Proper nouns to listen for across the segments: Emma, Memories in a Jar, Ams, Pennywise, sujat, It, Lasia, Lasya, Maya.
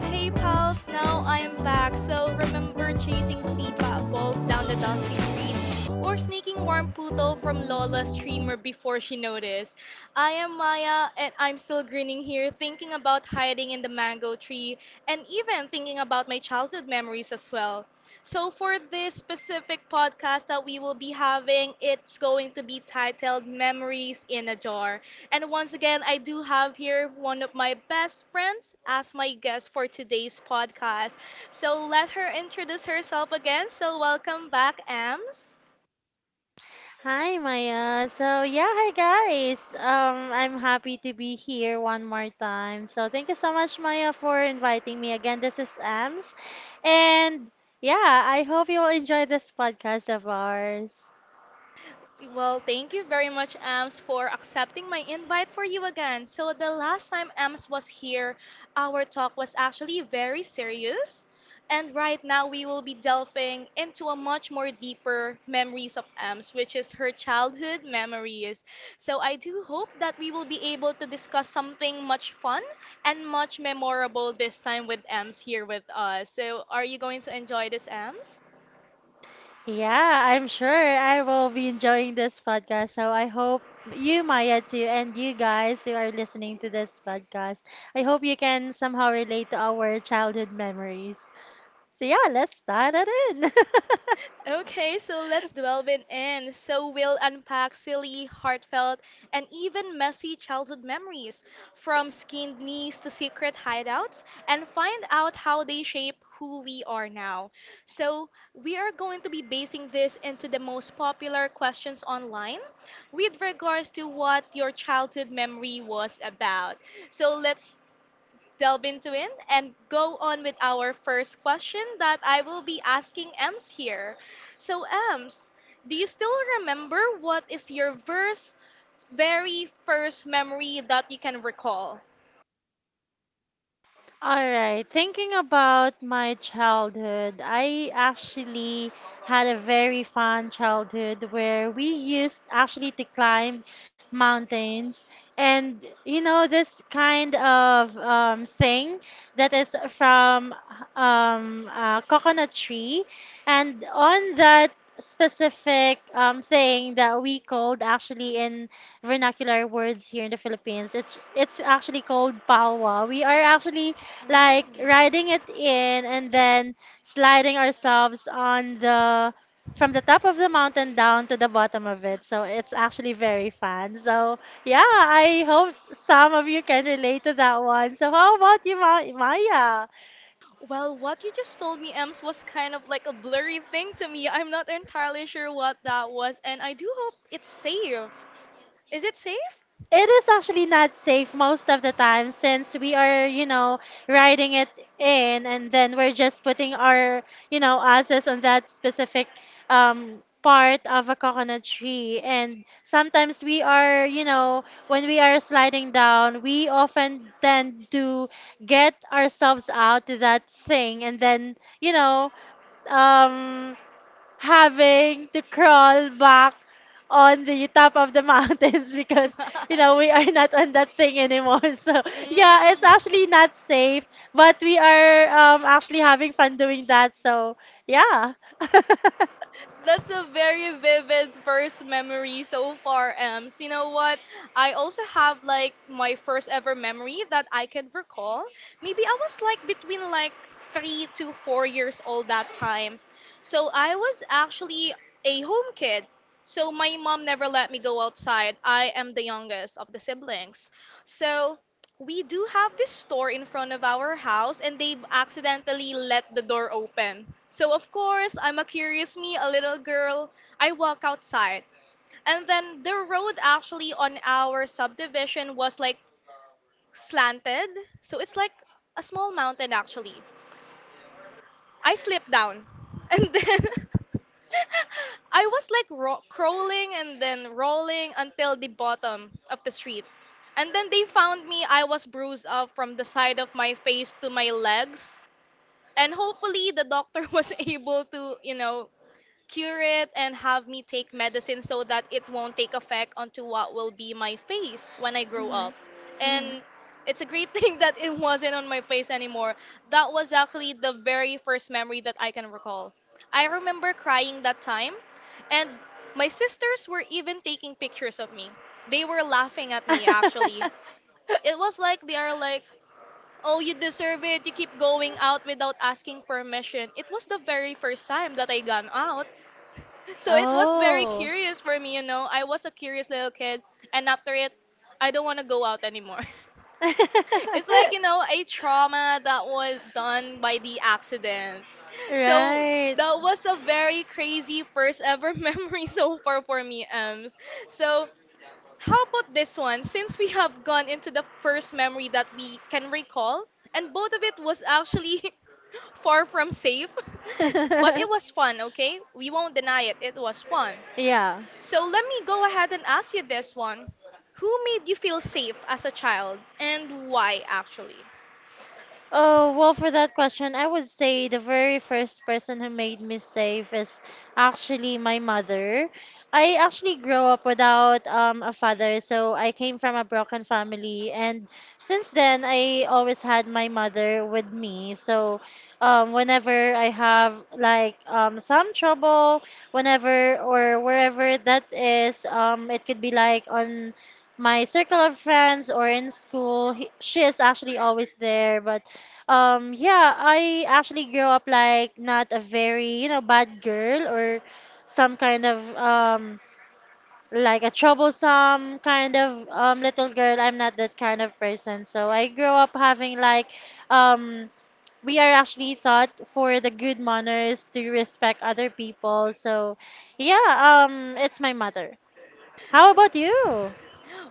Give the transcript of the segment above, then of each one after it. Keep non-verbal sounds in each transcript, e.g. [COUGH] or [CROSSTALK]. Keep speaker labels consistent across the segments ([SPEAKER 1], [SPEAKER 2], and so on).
[SPEAKER 1] Hey pals, now I am back. So remember chasing sipa balls down the dusty streets or sneaking warm puto from Lola's streamer before she noticed. I am Maya and I'm still grinning here thinking about hiding in the mango tree and even thinking about my childhood memories as well. So for this specific podcast that we will be having, it's going to be titled Memories in a Jar. And once again, I do have here one of my best friends as my guest for today's podcast. So let her introduce herself again. So welcome back, Ams.
[SPEAKER 2] Hi Maya. So yeah, hi guys. I'm happy to be here one more time. So thank you so much, Maya, for inviting me again. This is Ams, and yeah, I hope you will enjoy this podcast of ours.
[SPEAKER 1] Well, thank you very much, Ams, for accepting my invite for you again. So, the last time Ams was here, our talk was actually very serious. And right now, we will be delving into a much more deeper memories of Ams, which is her childhood memories. So, I do hope that we will be able to discuss something much fun and much memorable this time with Ams here with us. So, are you going to enjoy this, Ams?
[SPEAKER 2] Yeah, I'm sure I will be enjoying this podcast. So I hope you, Maya, too, and you guys who are listening to this podcast, I hope you can somehow relate to our childhood memories. So yeah, let's start it in. [LAUGHS]
[SPEAKER 1] Okay, so let's delve it in. So we'll unpack silly, heartfelt, and even messy childhood memories, from skinned knees to secret hideouts, and find out how they shape who we are now. So we are going to be basing this into the most popular questions online with regards to what your childhood memory was about. So let's delve into it and go on with our first question that I will be asking Ems here. So, Ems, do you still remember what is your verse very first memory that you can recall?
[SPEAKER 2] All right, thinking about my childhood, I actually had a very fun childhood where we used actually to climb mountains. And you know, this kind of thing that is from a coconut tree. And on that specific thing that we called actually in vernacular words here in the Philippines, it's actually called palwa. We are actually like
[SPEAKER 1] Mm.
[SPEAKER 2] riding it in and then sliding ourselves on the from the top of the mountain down to the bottom of it. So it's actually very fun. So yeah, I hope some of you can relate to that one. So how about you, Maya?
[SPEAKER 1] Well, what you just told me, Ems, was kind of like a blurry thing to me. I'm not entirely sure what that was, and I do hope it's safe. Is it safe?
[SPEAKER 2] It is actually not safe most of the time since we are, you know, riding it in and then we're just putting our, you know, asses on that specific part of a coconut tree. And sometimes we are, you know, when we are sliding down, we often tend to get ourselves out to that thing and then, you know, um, having to crawl back on the top of the mountains [LAUGHS] because you know we
[SPEAKER 1] [LAUGHS]
[SPEAKER 2] are not on that thing anymore. [LAUGHS] So yeah, it's
[SPEAKER 1] Mm.
[SPEAKER 2] actually not safe, but we are actually having fun doing that, so yeah. [LAUGHS]
[SPEAKER 1] That's a very vivid first memory so far, Ems. You know what? I also have like my first ever memory that I can recall. Maybe I was like between like 3 to 4 years old that time. So I was actually a home kid. So my mom never let me go outside. I am the youngest of the siblings. So we do have this store in front of our house and they've accidentally let the door open. So, of course, I'm a curious me, a little girl. I walk outside. And then the road actually on our subdivision was like slanted. So, it's like a small mountain actually. I slipped down. And then [LAUGHS] I was like crawling and then rolling until the bottom of the street. And then they found me. I was bruised up from the side of my face to my legs. And hopefully the doctor [LAUGHS] was able to, you know, cure it and have me take medicine so that it won't take effect onto what will be my face when I grow up.
[SPEAKER 2] Mhm. Mhm.
[SPEAKER 1] And it's a great [LAUGHS] thing that it wasn't on my face anymore. That was actually the very first memory that I can recall. I remember crying that time, and my sisters were even taking pictures of me. They were laughing at me actually.
[SPEAKER 2] [LAUGHS]
[SPEAKER 1] It was like they are like, "Oh, you deserve it. You keep going out without asking permission." It was the very first time that I gone out. [LAUGHS] So it was very
[SPEAKER 2] Oh.
[SPEAKER 1] curious for me, you know. I was a curious little kid, and after it, I don't want to go out anymore. [LAUGHS] It's like, you know, a
[SPEAKER 2] [LAUGHS]
[SPEAKER 1] trauma that was done by the accident. So
[SPEAKER 2] Right.
[SPEAKER 1] that was a very crazy first ever [LAUGHS] memory so far for me, Ems. So how about this one? Since we have gone into the first memory that we can recall, and both of it was actually [LAUGHS] far from safe, [LAUGHS] but it was fun,
[SPEAKER 2] [LAUGHS]
[SPEAKER 1] okay? We won't deny it, it was fun.
[SPEAKER 2] Yeah.
[SPEAKER 1] So let me go ahead and ask you this one. Who made you feel safe as a child, and why actually?
[SPEAKER 2] Oh, well, for that question, I would say the very first person who made me safe is actually my mother. I actually grew up without a father, so I came from a broken family, and since then, I always had my mother with me. So, whenever I have like some trouble, whenever or wherever that is, it could be like on my circle of friends or in school, she is actually always there, but yeah, I actually grew up like not a very, you know, bad girl or some kind of like a troublesome kind of little girl. I'm not that kind of person. So I grew up having like um we are actually taught for the good manners to respect other people. So yeah, it's my mother. How about you?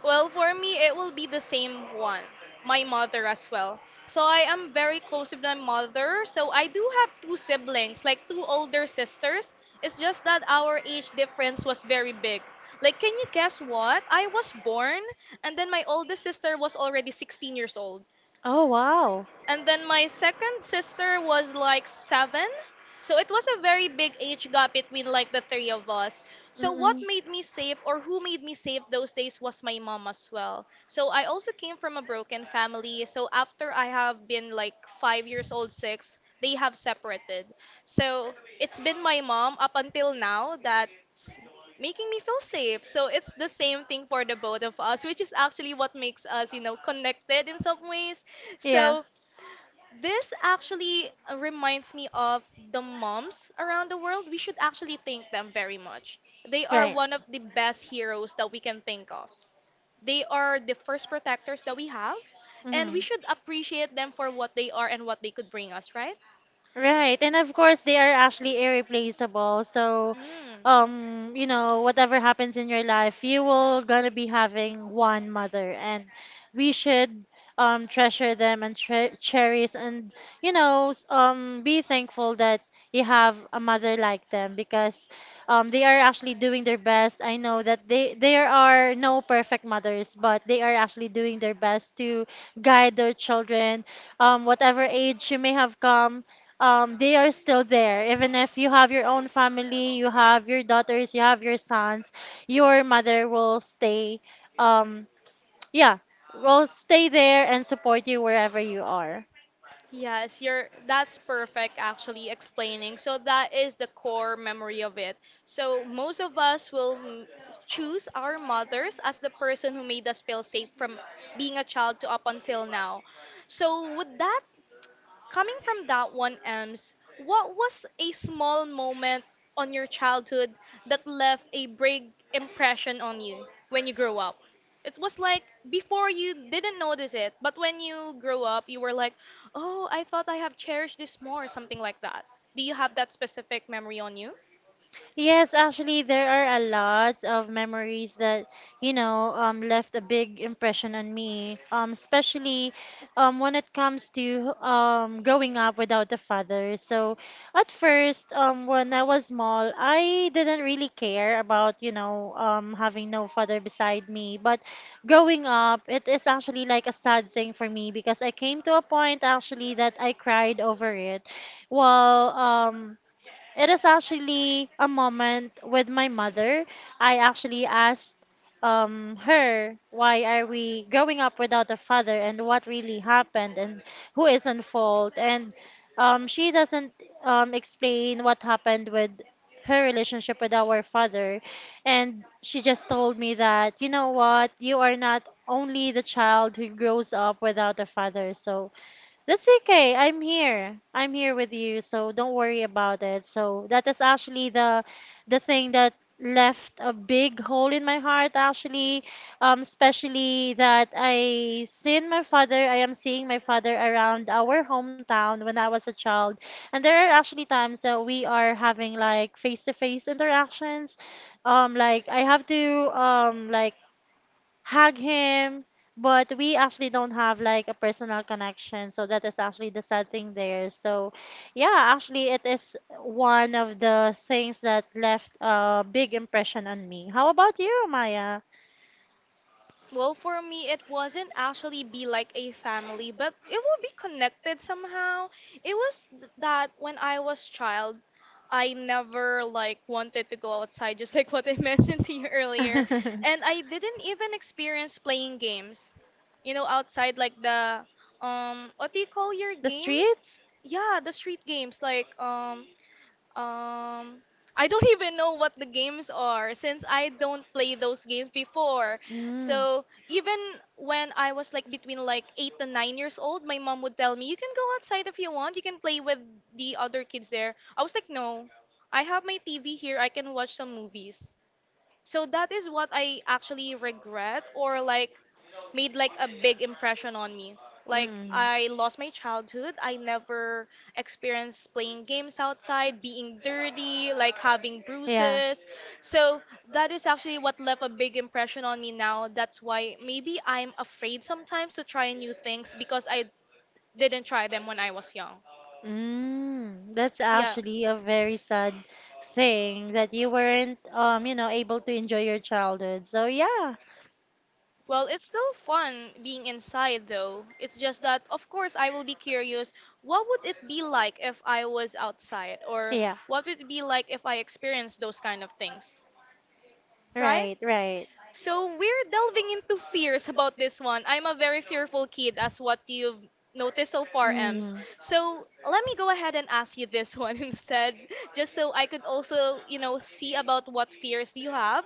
[SPEAKER 1] Well, for me, it will be the same one. My mother as well. So I am very close with my mother. So I do have two siblings, like two older sisters. It's just that our age difference was very big. Like, can you guess what? I was born, and then my oldest sister was already 16 years old.
[SPEAKER 2] Oh wow.
[SPEAKER 1] And then my second sister was like seven. So it was a very big age gap between like the three of us. So what
[SPEAKER 2] Mm-mm.
[SPEAKER 1] made me safe or who made me safe those days was my mom as well. So I also came from a broken family. So after I have been like 5 years old, six, they have separated. So it's been my mom up until now that's making me feel safe. So it's the same thing for the both of us, which is actually what makes us, you know, connected in some ways.
[SPEAKER 2] Yeah.
[SPEAKER 1] So this actually reminds me of the moms around the world. We should actually thank them very much. They are
[SPEAKER 2] Right.
[SPEAKER 1] one of the best heroes that we can think of. They are the first protectors that we have, and
[SPEAKER 2] Mm-hmm.
[SPEAKER 1] we should appreciate them for what they are and what they could bring us, right? Y-
[SPEAKER 2] Right, and of course they are actually irreplaceable. So,
[SPEAKER 1] Mm.
[SPEAKER 2] you know, whatever happens in your life, you will gonna be having one mother, and we should treasure them and tre cherish and you know be thankful that you have a mother like them, because they are actually doing their best. I know that they there are no perfect mothers, but they are actually doing their best to guide their children, whatever age you may have come, they are still there. Even if you have your own family, you have your daughters, you have your sons, your mother will stay, um, yeah, will stay there and support you wherever you are.
[SPEAKER 1] Yes, you're that's perfect actually explaining. So that is the core memory of it. So most of us will choose our mothers as the person who made us feel safe from being a child to up until now. So would that, coming from that one, Ems, what was a small moment on your childhood that left a big impression on you when you grew up? It was like before you didn't notice it, but when you grew up, you were like, oh, I thought I have cherished this more, something like that. Do you have that specific memory on you?
[SPEAKER 2] Yes, actually, there are a lot of memories that, you know, left a big impression on me. Especially, when it comes to growing up without a father. So, at first, when I was small, I didn't really care about, you know, having no father beside me. But growing up, it is actually like a sad thing for me because I came to a point actually that I cried over it. Well, um. It is actually a moment with my mother. I actually asked her, why are we growing up without a father, and what really happened, and who is in fault? And she doesn't explain what happened with her relationship with our father. And she just told me that, you know what, you are not only the child who grows up without a father. So that's okay. I'm here. I'm here with you, so don't worry about it. So that is actually the thing that left a big hole in my heart, actually, especially that I am seeing my father around our hometown when I was a child, and there are actually times that we are having like face to face interactions, like I have to like hug him, but we actually don't have like a personal connection. So that is actually the sad thing there. So yeah, actually it is one of the things that left a big impression on me. How about you, Maya?
[SPEAKER 1] Well, for me, it wasn't actually be like a family, but it will be connected somehow. It was that when I was child, I never like wanted to go outside, [LAUGHS] just like what I [LAUGHS] mentioned to you earlier,
[SPEAKER 2] [LAUGHS]
[SPEAKER 1] and I didn't even experience playing games, you know, outside like the what do you call your
[SPEAKER 2] The
[SPEAKER 1] games?
[SPEAKER 2] streets?
[SPEAKER 1] Yeah, the street games like um, I don't even know what the games are since I don't play those games before.
[SPEAKER 2] Mm.
[SPEAKER 1] So even when I was like between like 8 to 9 years old, my mom would tell me, "You can go outside if you want. You can play with the other kids there." I was like, "No, I have my TV here. I can watch some movies." So that is what I actually regret, or like made like a big impression on me. Like
[SPEAKER 2] Mm.
[SPEAKER 1] I lost my childhood. I never experienced playing games outside, being dirty, like having
[SPEAKER 2] Yeah.
[SPEAKER 1] bruises. So that is actually what left a big impression on me now. That's why maybe I'm afraid sometimes to try new things because I didn't try them when I was young.
[SPEAKER 2] Mm, that's
[SPEAKER 1] Yeah.
[SPEAKER 2] actually a very sad thing that you weren't you know, able to enjoy your childhood. So yeah.
[SPEAKER 1] Well, it's still fun being inside though. It's just that, of course, I will be curious what would it be like if I was outside, or
[SPEAKER 2] Yeah.
[SPEAKER 1] what would it be like if I experienced those kind of things, right?
[SPEAKER 2] Right, right.
[SPEAKER 1] So we're delving into fears about this one. I'm a very fearful kid, as what you've noticed so far, Ems.
[SPEAKER 2] Mm.
[SPEAKER 1] So let me go ahead and ask you this one [LAUGHS] instead, just so I could also, you know, see about what fears you have.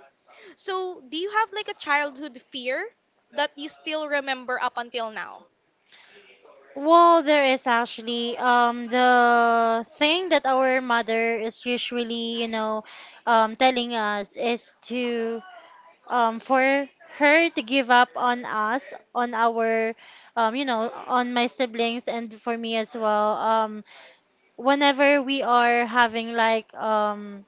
[SPEAKER 1] So, do you have like a childhood fear that you still remember up until now?
[SPEAKER 2] Well, there is actually the thing that our mother is usually, you know, telling us is to for her to give up on us, on our, you know, on my siblings and for me as well. Whenever we are having like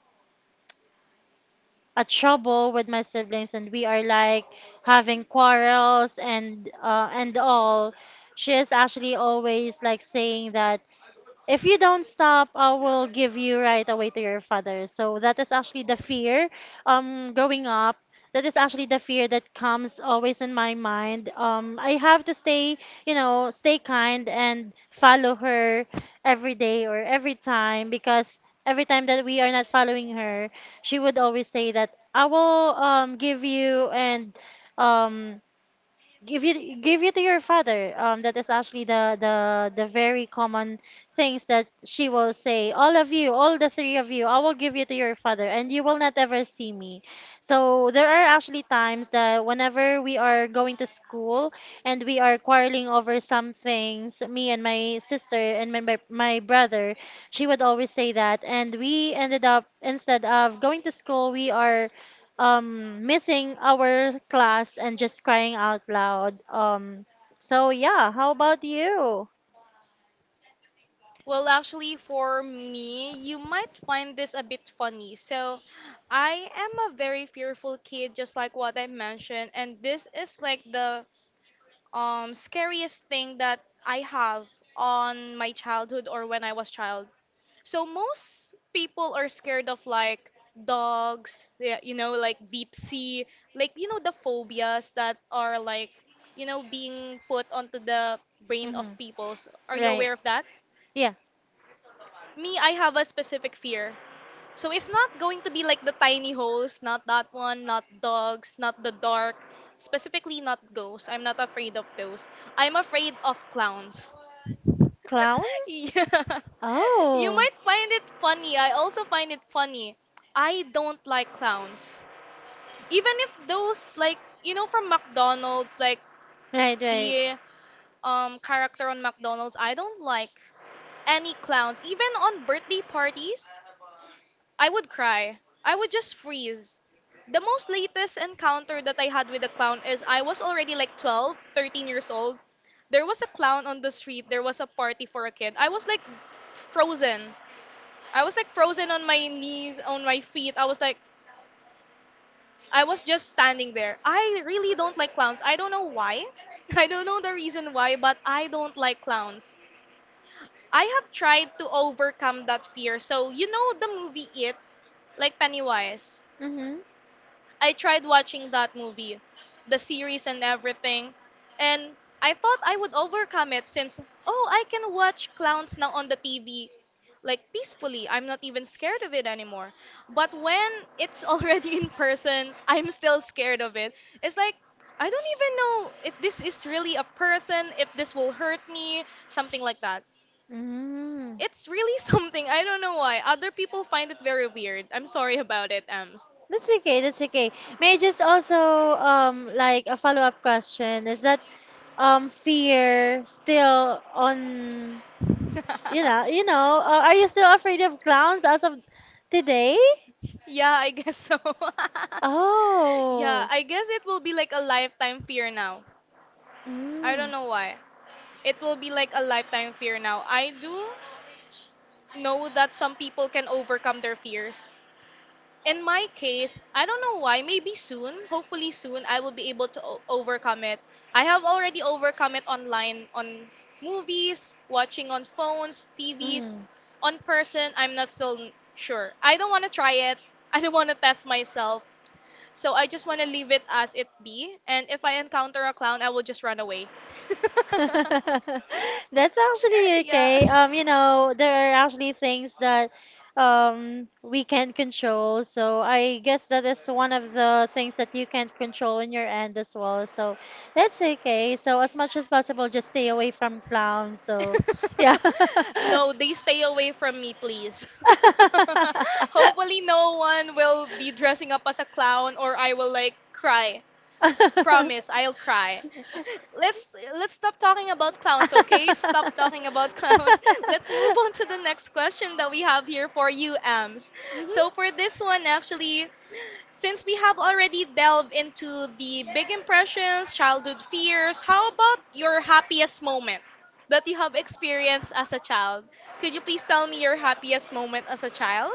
[SPEAKER 2] a trouble with my siblings and we are like having quarrels and all, she is actually always like saying that if you don't stop, I will give you right away to your father. So that is actually the fear growing up. That is actually the fear that comes always in my mind. I have to stay, you know, stay kind and follow her every day or every time, because every time that we are not following her, she would always say that I will give you and um give you to your father. That is actually the very common things that she will say: all of you, all the three of you, I will give you to your father and you will not ever see me. So there are actually times that whenever we are going to school and we are quarreling over some things, me and my sister and my brother, she would always say that, and we ended up, instead of going to school, we are missing our class and just crying out loud. Um, so yeah, how about you?
[SPEAKER 1] Well, actually, for me, you might find this a bit funny. So, I am a very fearful kid, just like what I mentioned, and this is like the scariest thing that I have on my childhood or when I was child. So most people are scared of like dogs, yeah, you know, like deep sea, like you know the phobias that are like you know being put onto the brain of
[SPEAKER 2] Hmm.
[SPEAKER 1] people. So, are you
[SPEAKER 2] Right.
[SPEAKER 1] aware of that?
[SPEAKER 2] Yeah.
[SPEAKER 1] Me, I have a specific fear. So it's not going to be like the tiny holes, not that one, not dogs, not the dark, specifically not ghosts. I'm not afraid of those. I'm afraid of clowns. [LAUGHS]
[SPEAKER 2] Clowns?
[SPEAKER 1] Yeah. You
[SPEAKER 2] Oh.
[SPEAKER 1] might find it funny. I also find it funny. I don't like clowns. Even if those like you know from McDonald's, like
[SPEAKER 2] Right, right.
[SPEAKER 1] the character on McDonald's, I don't like any clowns. Even on birthday parties, I would cry. I would just freeze. The most latest encounter that I had with a clown is I was already like 12, 13 years old. There was a clown on the street. There was a party for a kid. I was like frozen. I was like frozen on my knees, on my feet. I was like, I was just standing there. I really don't like clowns. I don't know why. [LAUGHS] I don't know the reason why, but I don't like clowns. I have tried to overcome that fear. So, you know the movie It, like Pennywise.
[SPEAKER 2] Mm-hmm.
[SPEAKER 1] I tried watching that movie, the series and everything, and I thought I would overcome it since oh, I can watch clowns now on the TV like peacefully. I'm not even scared of it anymore. But when it's already [LAUGHS] in person, I'm still scared of it. It's like I don't even know if this is really a person, if this will hurt me, something like that.
[SPEAKER 2] Mm-hmm.
[SPEAKER 1] It's really [LAUGHS] something. I don't know why. Other people find it very weird. I'm sorry about it, Ams.
[SPEAKER 2] That's okay, that's okay. May I just also like a follow-up question, is that fear still on— you know, you know,
[SPEAKER 1] [LAUGHS]
[SPEAKER 2] are you still afraid of clowns as of today?
[SPEAKER 1] Yeah, I guess so. [LAUGHS] Yeah,
[SPEAKER 2] Oh.
[SPEAKER 1] I guess it will be like a lifetime fear now. I don't
[SPEAKER 2] Mm.
[SPEAKER 1] know why. It will be like a lifetime fear now. I do know that some people can overcome their fears. In my case, I don't know why, maybe soon, hopefully soon, I will be able to overcome it. I have already overcome it online on movies, watching on phones, TVs,
[SPEAKER 2] Mm.
[SPEAKER 1] on person. I'm not still sure. I don't want to try it. [LAUGHS] I don't want to test myself. So I just want to leave it as it be. And if I encounter a clown, I will just run away.
[SPEAKER 2] [LAUGHS] That's
[SPEAKER 1] [LAUGHS]
[SPEAKER 2] actually
[SPEAKER 1] Yeah.
[SPEAKER 2] okay.
[SPEAKER 1] [LAUGHS]
[SPEAKER 2] You know, there are actually things that we can control. So I guess that is one of the things that you can't control in your end as well. So that's okay. So as much as possible, just stay away from clowns. So yeah.
[SPEAKER 1] No, they stay away from me, please. [LAUGHS] Hopefully, no one will be dressing up as a clown or I will like cry. Promise, I'll cry. [LAUGHS]
[SPEAKER 2] [LAUGHS]
[SPEAKER 1] Let's let's stop talking about clowns, okay? Stop talking about
[SPEAKER 2] [LAUGHS]
[SPEAKER 1] clowns. [LAUGHS] Let's move on to the next question that we have here for you, Ams. So
[SPEAKER 2] Mhm.
[SPEAKER 1] for this one, actually, since we have already delved into the big impressions, childhood fears, how about your happiest moment that you have experienced as a child? Could you please tell me your happiest moment as a child?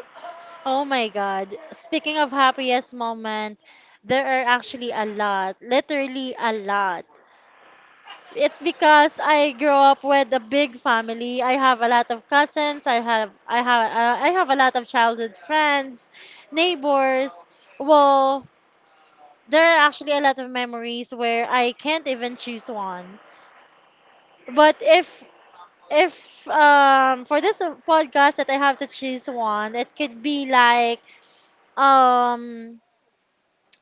[SPEAKER 2] Oh my God. Speaking of happiest moment, there are actually a lot, literally a lot. It's because I grew up with a big family. I have a lot of cousins. I have a lot of childhood friends, neighbors. Well, there are actually a lot of memories where I can't even choose one. But if for this podcast that I have to choose one, it could be like um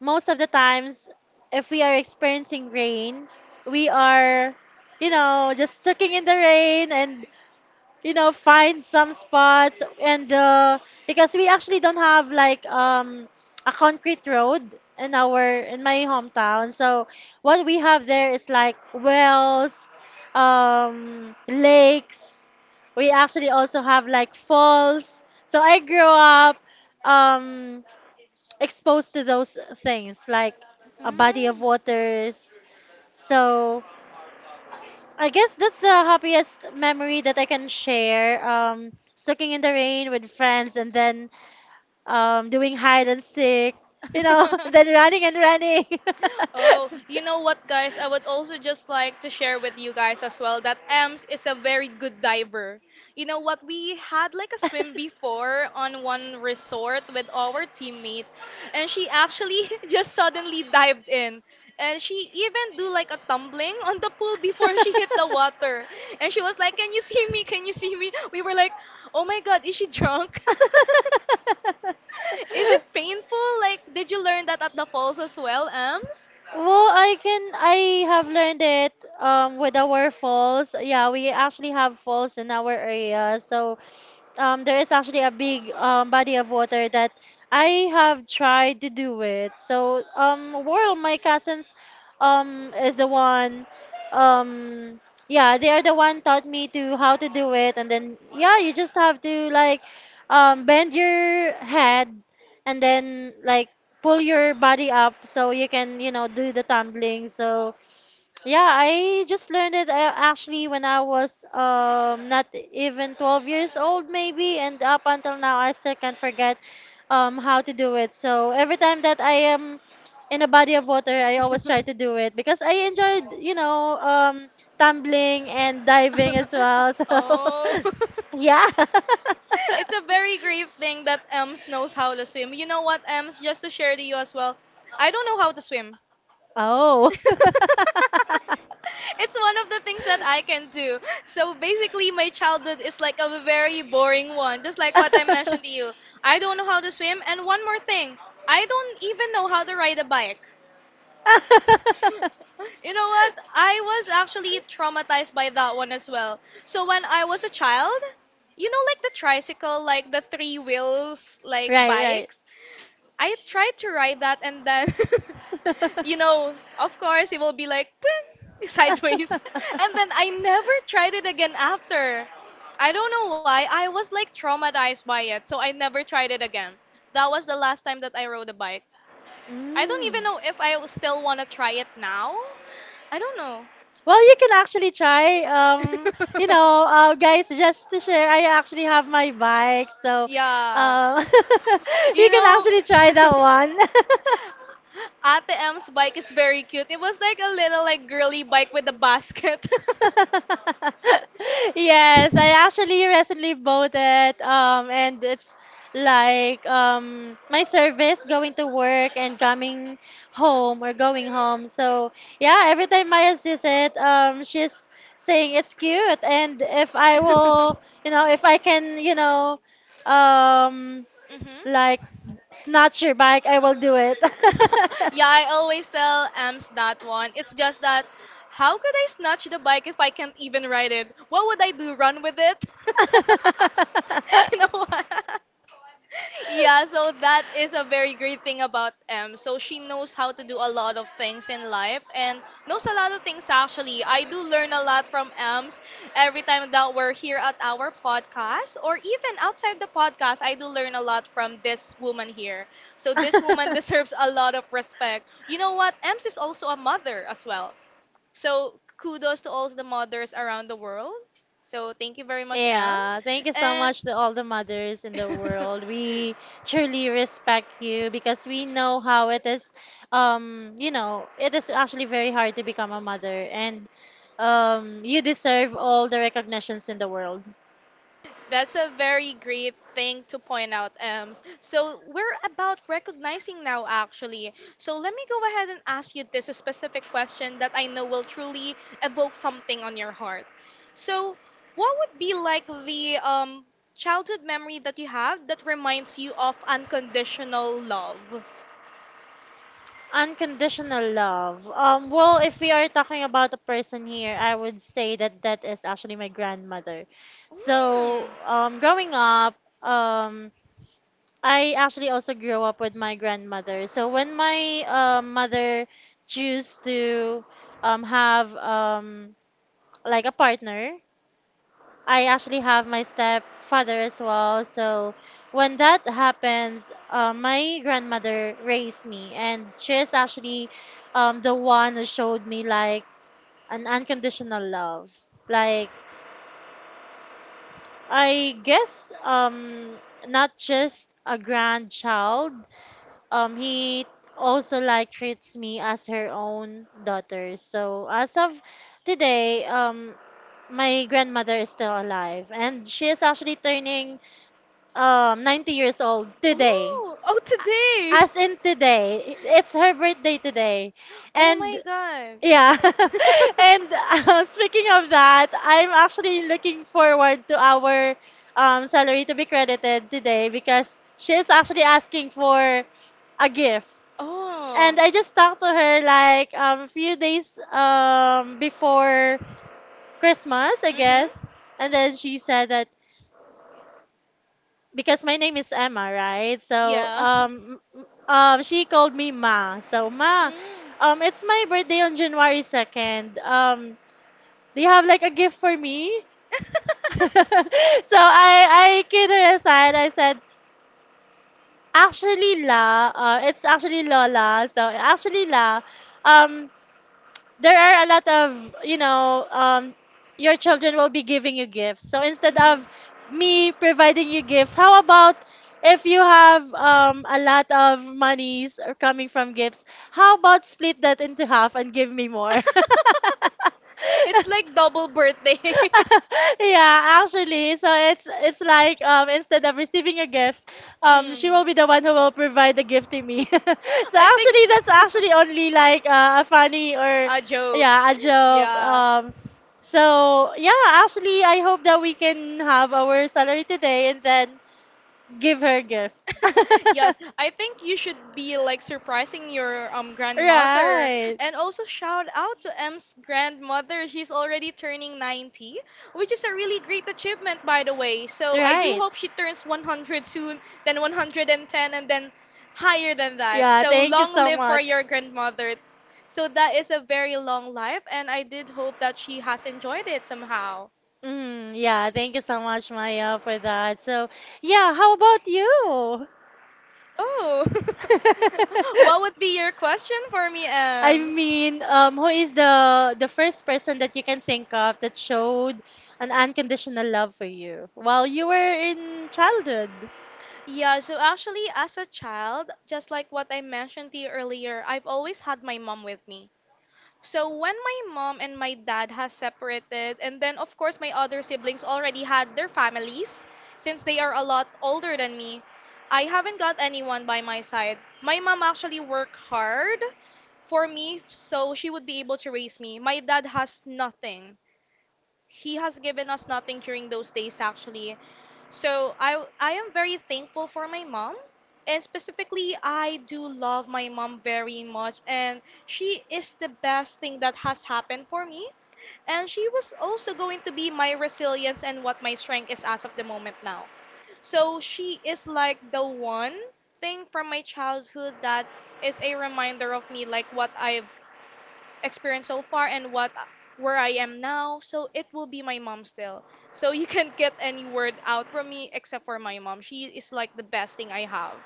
[SPEAKER 2] most of the times, if we are experiencing rain, we are, you know, just soaking in the rain and, you know, find some spots and because we actually don't have like a concrete road in our in my hometown. So what we have there is like wells, lakes. We actually also have like falls. So I grew up um exposed to those things like a body of waters. So I guess that's the happiest memory that I can share. Soaking in the rain with friends and then doing hide and seek, you know, [LAUGHS] and then running and running.
[SPEAKER 1] [LAUGHS] Oh, you know what, guys? I would also just like to share with you guys as well that Ems is a very good diver. You know what? We had like a swim before on one resort with our teammates, and she actually [LAUGHS] just suddenly dived in. And she
[SPEAKER 2] [LAUGHS]
[SPEAKER 1] even do like a tumbling on the pool before she hit the water. And she was like, "Can you see me? Can you see me?" We were like, "Oh
[SPEAKER 2] [LAUGHS]
[SPEAKER 1] my God, is she drunk? [LAUGHS] Is it painful? Like, did you learn that at the falls as well, Ems?"
[SPEAKER 2] Well, I can I have learned it with our falls. Yeah, we actually have falls in our area. So there is actually a big body of water that I have tried to do it. So um, Whirl, my cousins is the one— um yeah, they are the one taught me to how to do it, and then yeah, you just have to like bend your head and then like pull your body up so you can, you know, do the tumbling. So yeah, I just learned it actually when I was not even 12 years old maybe, and up until now I still can't forget how to do it. So every time that I am in a body of water, I always try to do
[SPEAKER 1] [LAUGHS]
[SPEAKER 2] it because I enjoyed, tumbling and diving as well. [LAUGHS]
[SPEAKER 1] Oh.
[SPEAKER 2] So yeah.
[SPEAKER 1] [LAUGHS] It's a very great thing that Ems knows how to swim. You know what, Ems? Just to share to you as well,
[SPEAKER 2] [LAUGHS]
[SPEAKER 1] I don't know how to swim. [LAUGHS]
[SPEAKER 2] Oh.
[SPEAKER 1] It's one of the things that I can do. So basically, my childhood is like a very boring one, just like what I mentioned to you.
[SPEAKER 2] [LAUGHS]
[SPEAKER 1] I don't know how to swim, and one more thing, I don't even know how to ride a bike. You know what? I was actually traumatized by that one as well. So when I was a child, you know, like the tricycle, like the three wheels, like
[SPEAKER 2] Right, right.
[SPEAKER 1] bikes, I tried to ride that and then, [LAUGHS] you know, of course, it will be like "Pwing," [LAUGHS] sideways. And then I never tried it again after.
[SPEAKER 2] [LAUGHS]
[SPEAKER 1] I don't know why. I was like traumatized by it. So I never tried it again. That was the last time that I rode a. I don't
[SPEAKER 2] Mm.
[SPEAKER 1] even know if I still want to try it now. I don't know.
[SPEAKER 2] Well, you can actually try. You know, guys, just to share, I
[SPEAKER 1] [LAUGHS]
[SPEAKER 2] actually have my bike, so
[SPEAKER 1] Yeah.
[SPEAKER 2] uh, [LAUGHS] you
[SPEAKER 1] You
[SPEAKER 2] can
[SPEAKER 1] know,
[SPEAKER 2] actually try that
[SPEAKER 1] [LAUGHS]
[SPEAKER 2] one.
[SPEAKER 1] Ate M's bike is very cute. It was like a little like girly bike with a
[SPEAKER 2] [LAUGHS]
[SPEAKER 1] basket.
[SPEAKER 2] [LAUGHS] Yes, I actually recently bought it. And it's like my service going to work and coming home or going home. So yeah, every time Maya sees it, she's saying it's cute. And if I will,
[SPEAKER 1] [LAUGHS]
[SPEAKER 2] you know, if I can, um,
[SPEAKER 1] Mhm.
[SPEAKER 2] like snatch your bike, I will do it.
[SPEAKER 1] [LAUGHS] Yeah, I always tell Ams that one. It's just that, how could I snatch the bike if I can't even ride it? What would I do? Run with it? [LAUGHS] You know what? Yeah, so that is a very great thing about M. So she knows how to do a lot of things in life and knows a lot of things actually. I do learn a lot from M's every time that we're here at our podcast or even outside the podcast. I do learn a lot from this woman here. So this woman [LAUGHS]
[SPEAKER 2] [LAUGHS]
[SPEAKER 1] deserves a lot of respect. You know what? M's is also a mother as
[SPEAKER 2] [LAUGHS]
[SPEAKER 1] well. So kudos to all the mothers around the world. So thank you very much, M.
[SPEAKER 2] Yeah, thank you so
[SPEAKER 1] And
[SPEAKER 2] much to all the mothers in the world.
[SPEAKER 1] [LAUGHS]
[SPEAKER 2] We truly respect you because we know how it is. It is actually very hard to become a mother, and you deserve all the recognitions in the world.
[SPEAKER 1] that's a very great thing to point out, Ems. So we're about recognizing now, actually. So let me go ahead and ask you this specific question that I know will truly evoke something on your heart. So, what would be like the childhood memory that you have that reminds you of unconditional love?
[SPEAKER 2] Unconditional love. Well, if we are talking about a person here, I would say that that is actually my grandmother. So,
[SPEAKER 1] Mm.
[SPEAKER 2] growing up, um, I actually also grew up with my grandmother. So when my mother choose to have like a partner, I actually have my stepfather as well. So when that happens, my grandmother raised me, and she is actually the one who showed me like an unconditional love. Like I guess not just a grandchild. He also like treats me as her own daughter. So as of today, my grandmother is still alive, and she is actually turning 90 years old today.
[SPEAKER 1] Oh, oh, today.
[SPEAKER 2] As in today, it's her birthday today,
[SPEAKER 1] Oh
[SPEAKER 2] and
[SPEAKER 1] my God.
[SPEAKER 2] yeah. [LAUGHS] and [LAUGHS] speaking of
[SPEAKER 1] [LAUGHS]
[SPEAKER 2] that, I'm actually looking forward to our salary to be credited today because she is actually asking for a gift. And I just talked to her like a few days before Christmas, I guess. And then she said that because my name is Emma, right? So she called me Ma. So Ma, it's my birthday on January 2nd. Do you have like a gift for me? [LAUGHS] So I kid her aside. I said, actually La, it's actually Lola. So actually La. Um, there are a lot of, your children will be giving you
[SPEAKER 1] [LAUGHS]
[SPEAKER 2] gifts,
[SPEAKER 1] You so
[SPEAKER 2] so instead
[SPEAKER 1] instead of.
[SPEAKER 2] of
[SPEAKER 1] Mhm.
[SPEAKER 2] me providing you gifts, how about if you have a lot of monies are coming from gifts, how about split that into half and give me more.
[SPEAKER 1] [LAUGHS] It's like double birthday. [LAUGHS]
[SPEAKER 2] [LAUGHS] [LAUGHS] Yeah, actually, so it's like instead of receiving a gift, she will be the one who will provide the gift to me. [LAUGHS] So actually,
[SPEAKER 1] [LAUGHS]
[SPEAKER 2] that's actually only like a funny or
[SPEAKER 1] Yeah, joke.
[SPEAKER 2] yeah, a
[SPEAKER 1] [LAUGHS]
[SPEAKER 2] joke. So yeah, actually, I hope that we can have our salary today and then give her a gift. [LAUGHS]
[SPEAKER 1] [LAUGHS] Yes, I think you should be like surprising your grandmother
[SPEAKER 2] Right.
[SPEAKER 1] and also shout out to M's grandmother. She's already turning 90, which is a really great achievement by the way. So I do
[SPEAKER 2] Right.
[SPEAKER 1] hope she turns 100 soon, then 110 and then higher than that.
[SPEAKER 2] Yeah,
[SPEAKER 1] So
[SPEAKER 2] thank you
[SPEAKER 1] long
[SPEAKER 2] so
[SPEAKER 1] live for your
[SPEAKER 2] much.
[SPEAKER 1] grandmother. So that is a very long life and I did hope that she has enjoyed it somehow.
[SPEAKER 2] Mm, yeah, thank you so much, Maya, for that. So, yeah, how about you?
[SPEAKER 1] Oh. [LAUGHS] What
[SPEAKER 2] [LAUGHS]
[SPEAKER 1] would be your question for me,
[SPEAKER 2] I
[SPEAKER 1] Ems?
[SPEAKER 2] mean, who is the first person that you can think of that showed an unconditional love for you while you were in childhood?
[SPEAKER 1] Yeah, so actually, as a child, just like what I mentioned to you earlier, I've always had my mom with me. So when my mom and my dad has separated, and then of course my other siblings already had their families, since they are a lot older than me, I haven't got anyone by my side. My mom actually worked hard for me so she would be able to raise me. My dad has nothing, he has given us nothing during those days actually. So I am very thankful for my mom, and specifically, I do love my mom very much, and she is the best thing that has happened for me, and she was also going to be my resilience and what my strength is as of the moment now. So she is like the one thing from my childhood that is a reminder of me, like what I've experience so far and what where I am now. So it will be my mom still. So you can't get any word out from me except for my mom. She is like the best thing I have.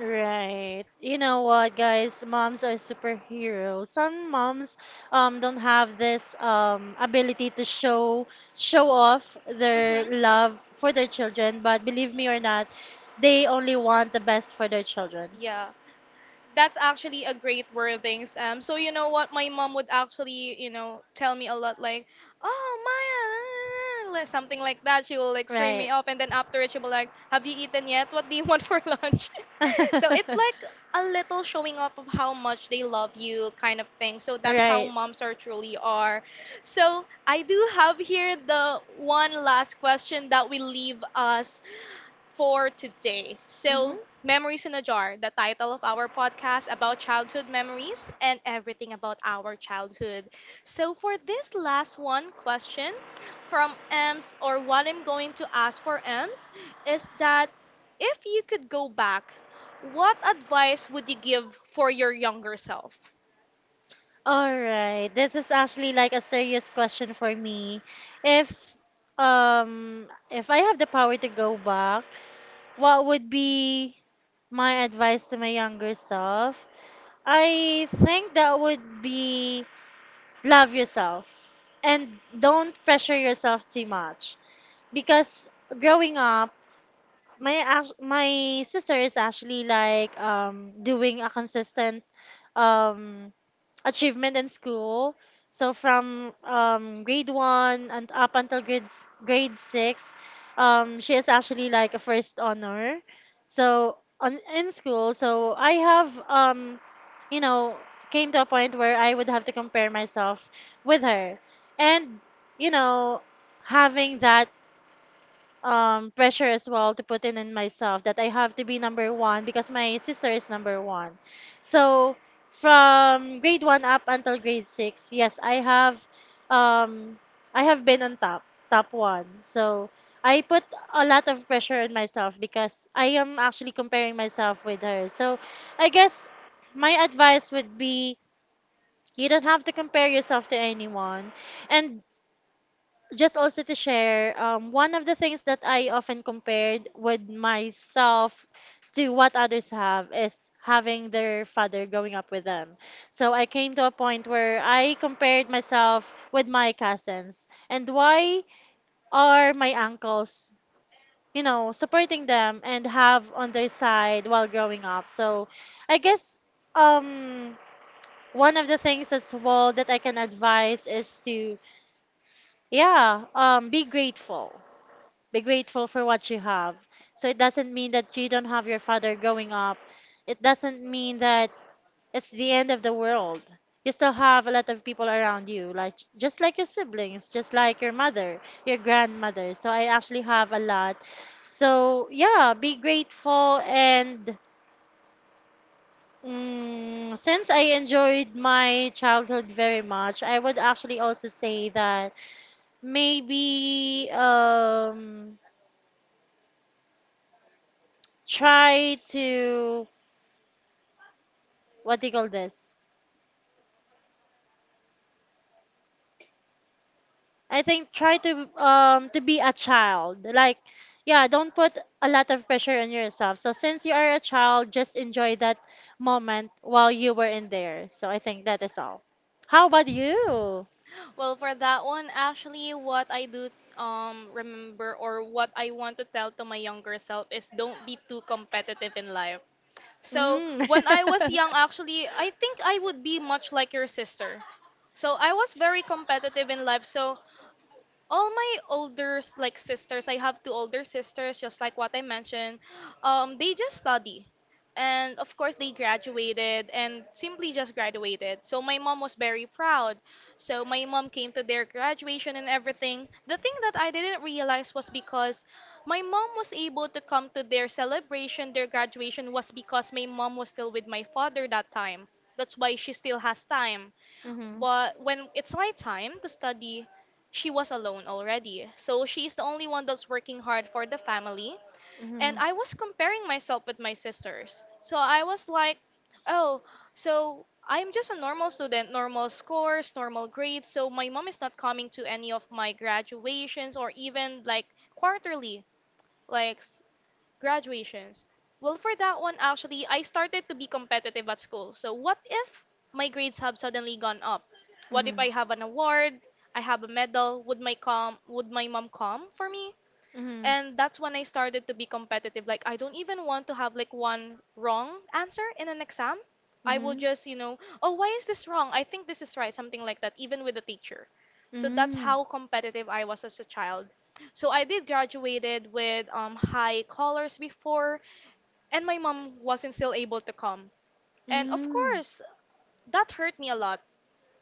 [SPEAKER 2] Right. You know what, guys? Moms are superheroes. Some moms don't have this ability to show off their
[SPEAKER 1] Mhm.
[SPEAKER 2] love for their children, but believe me or not, they only want the best for their children.
[SPEAKER 1] Yeah. That's actually a great wordings. So you know what, my mom would actually, tell me a lot like, "Oh, Maya," like something like that. She will like scream me
[SPEAKER 2] Right.
[SPEAKER 1] off, and then after it, she will like, "Have you eaten yet? What do you want for [LAUGHS] lunch?" [LAUGHS] So it's
[SPEAKER 2] [LAUGHS]
[SPEAKER 1] like a little showing up of how much they love you, kind of thing. So that's how
[SPEAKER 2] Right.
[SPEAKER 1] moms are truly are. So I do have here the one last question that we leave us for today.
[SPEAKER 2] Mm-hmm.
[SPEAKER 1] So, Memories in a Jar, the title of our podcast about childhood memories and everything about our childhood. So, for this last one question from Ems, or what I'm going to ask for Ems, is that if you could go back, what advice would you give for your younger self?
[SPEAKER 2] All right. This is actually like a serious question for me. If um if I have the power to go back, what would be my advice to my younger self? I think that would be love yourself and don't pressure yourself too much because growing up my sister is actually like doing a consistent um achievement in school. So from grade one and up until grade six, she is actually like a first honor. So on in school, so I have you know, came to a point where I would have to compare myself with her, and you know, having that pressure as well to put in myself that I have to be number one because my sister is number one. So from grade one up until grade six, yes, um I have been on top, top one. So I put a lot of pressure on myself because I am actually comparing myself with her. So I guess my advice would be you don't have to compare yourself to anyone, and just also to share, one of the things that I often compared with myself to what others have is having their father growing up with them. So I came to a point where I compared myself with my cousins and why are my uncles, you know, supporting them and have on their side while growing up. So I guess um one of the things as well that I can advise is to yeah, um, be grateful, be grateful for what you have. So it doesn't mean that you don't have your father growing up. It doesn't mean that it's the end of the world. You still have a lot of people around you, like just like your siblings, just like your mother, your grandmother. So I actually have a lot. So yeah, be grateful and mm, since I enjoyed my childhood very much, I would actually also say that maybe try to what do you call this? I think try to be a child. Like yeah, don't put a lot of pressure on yourself. So since you are a child, just enjoy that moment while you were in there. So I think that is all. How about you?
[SPEAKER 1] Well, for that one, actually, what I do remember or what I want to tell to my younger self is don't be too competitive in life. So
[SPEAKER 2] Mm.
[SPEAKER 1] when I was
[SPEAKER 2] [LAUGHS]
[SPEAKER 1] young, actually, I think I would be much like your sister. So I was very competitive in life. So all my older like sisters, I have two older sisters, just like what I mentioned. They just study, and of course, they graduated and simply just graduated. So my mom was very proud, so my mom came to their graduation and everything. The thing that I didn't realize was, because my mom was able to come to their celebration, their graduation, was because my mom was still with my father that time. That's why she still has time.
[SPEAKER 2] Mhm.
[SPEAKER 1] But when it's my time to study, she was alone already. So she's the only one that's working hard for the family. And
[SPEAKER 2] Mhm.
[SPEAKER 1] I was comparing myself with my sisters. So I was like, oh, so I'm just a normal student, normal scores, normal grades. So my mom is not coming to any of my graduations or even like quarterly. Like graduations. Well, for that one, actually, I started to be competitive at school. So, what if
[SPEAKER 2] Hmm,
[SPEAKER 1] my grades have
[SPEAKER 2] hmm,
[SPEAKER 1] suddenly gone up? What if
[SPEAKER 2] hmm.
[SPEAKER 1] I have an award? I have a medal. Would my mom come for me? And that's when I started to be competitive. Like, I don't even want to have like one wrong answer in an exam. I will just, oh, why is this wrong? I think this is right, something like that, even with the teacher. So that's
[SPEAKER 2] Mm.
[SPEAKER 1] how competitive I was as a child. So I did graduated with high colors before, and my mom wasn't still able to come. And of
[SPEAKER 2] Mm.
[SPEAKER 1] course, that hurt me a lot,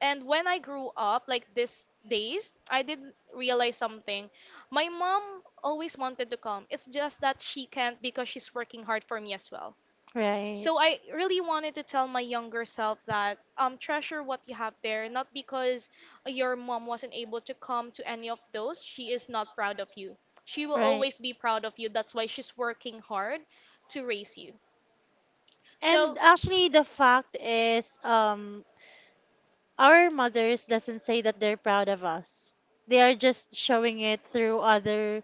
[SPEAKER 1] and when I grew up, like these days, I didn't realize something. My mom always wanted to come. It's just that she can't because she's working hard for me as well.
[SPEAKER 2] Right.
[SPEAKER 1] So I really wanted to tell my younger self that treasure what you have there, not because your mom wasn't able to come to any of those. She is not proud of you. She will
[SPEAKER 2] Right.
[SPEAKER 1] always be proud of you. That's why she's working hard to raise you. So
[SPEAKER 2] And actually, the fact is, our mothers doesn't say that they're proud of us. They are just showing it through other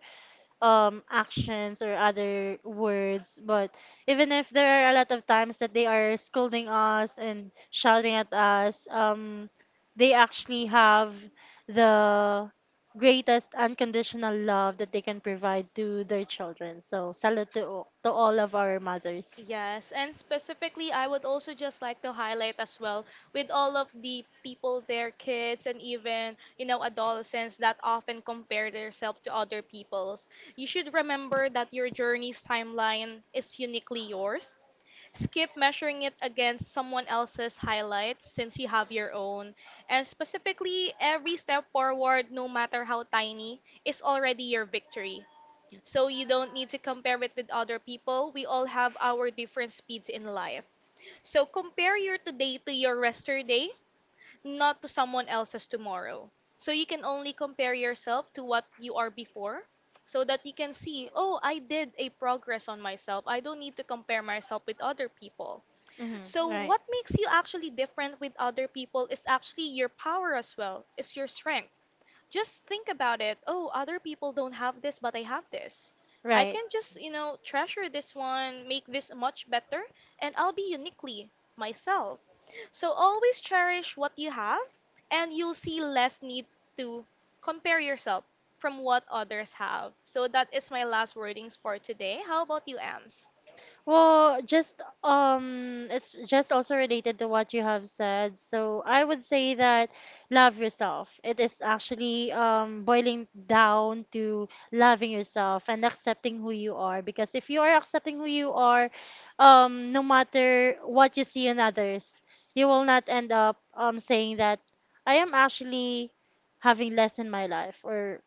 [SPEAKER 2] actions or other words, but even if there are a lot of times that they are scolding us and shouting at us, they actually have the greatest unconditional love that they can provide to their children, so salute to, to all of our mothers.
[SPEAKER 1] yes, and specifically, I would also just like to highlight as well with all of the people their kids, and even, adolescents that often compare themselves to other people's. You should remember that your journey's timeline is uniquely yours. Skip measuring it against someone else's highlights since you have your own. And specifically, every step forward, no matter how tiny, is already your victory. So you don't need to compare it with other people. We all have our different speeds in life. So compare your today to your yesterday, not to someone else's tomorrow. So you can only compare yourself to what you are before so that you can see, oh, I did a progress on myself. I don't need to compare myself with other people.
[SPEAKER 2] Hmm.
[SPEAKER 1] So
[SPEAKER 2] Right.
[SPEAKER 1] what makes you actually different with other people is actually your power as well. It's your strength. Just think about it. Oh, other people don't have this, but I have this. I
[SPEAKER 2] Right.
[SPEAKER 1] can just, treasure this one, make this much better, and I'll be uniquely myself. So always cherish what you have, and you'll see less need to compare yourself from what others have. So that is my last wordings for today. How about you, Ams?
[SPEAKER 2] Well, just it's just also related to what you have said. So I would say that love yourself. It is actually boiling down to loving yourself and accepting who you are. Because if you are accepting who you are, no matter what you see in others, you will not end up saying that I am actually having less in my life or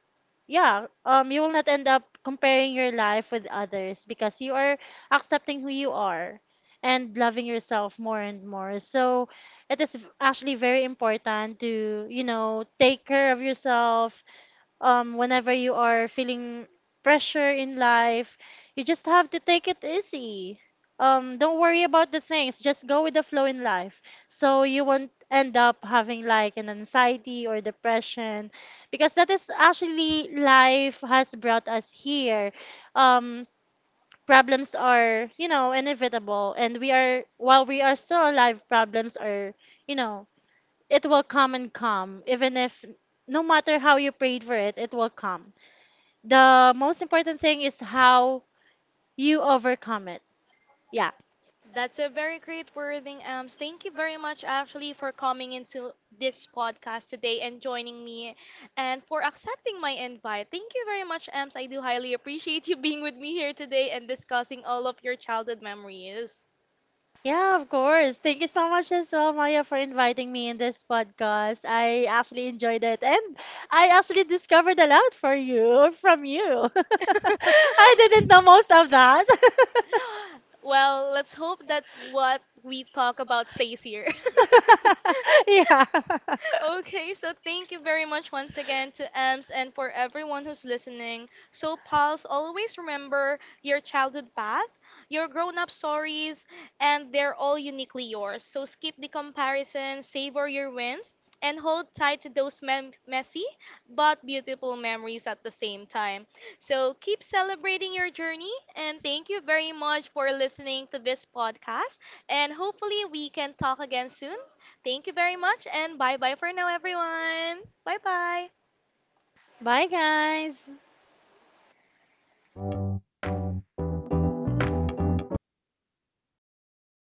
[SPEAKER 2] yeah, you will not end up comparing your life with others because you are accepting who you are and loving yourself more and more. So actually very important to, you know, take care of yourself, whenever you are feeling pressure in life, you just have to take it easy. Don't worry about the things, just go with the flow in life. So you won't end up having like an anxiety or depression because that is actually life has brought us here. Um, Problems are, you know, inevitable and we are while we are still alive, problems are, you know, it will come and come even if no matter how you prayed for it, it will come. The most important thing is how you overcome it. Yeah.
[SPEAKER 1] That's a very great wording, Ems. Thank you very much, actually, for coming into this podcast today and joining me and for accepting my invite. Thank you very much, Ems. I do highly appreciate you being with me here today and discussing all of your childhood memories.
[SPEAKER 2] Yeah, of course. Thank you so much as well, Maya, for inviting me in this podcast. I actually enjoyed it, and I actually discovered a lot for you from you. [LAUGHS] I
[SPEAKER 1] [LAUGHS]
[SPEAKER 2] didn't know most of that. [LAUGHS]
[SPEAKER 1] Well, let's hope that what we talk about stays here. [LAUGHS]
[SPEAKER 2] Yeah.
[SPEAKER 1] Okay, so thank you very much once again to Ems and for everyone who's listening.
[SPEAKER 2] [LAUGHS]
[SPEAKER 1] So, pals, always remember your childhood path, your grown up stories, and they're all uniquely yours. So, skip the comparison, savor your wins, and hold tight to those messy but beautiful memories at the same time. So, keep celebrating your journey, and thank you very much for listening to this podcast. And hopefully, we can talk again soon. Thank you very much and bye bye for now, everyone. Bye bye.
[SPEAKER 2] Bye, guys.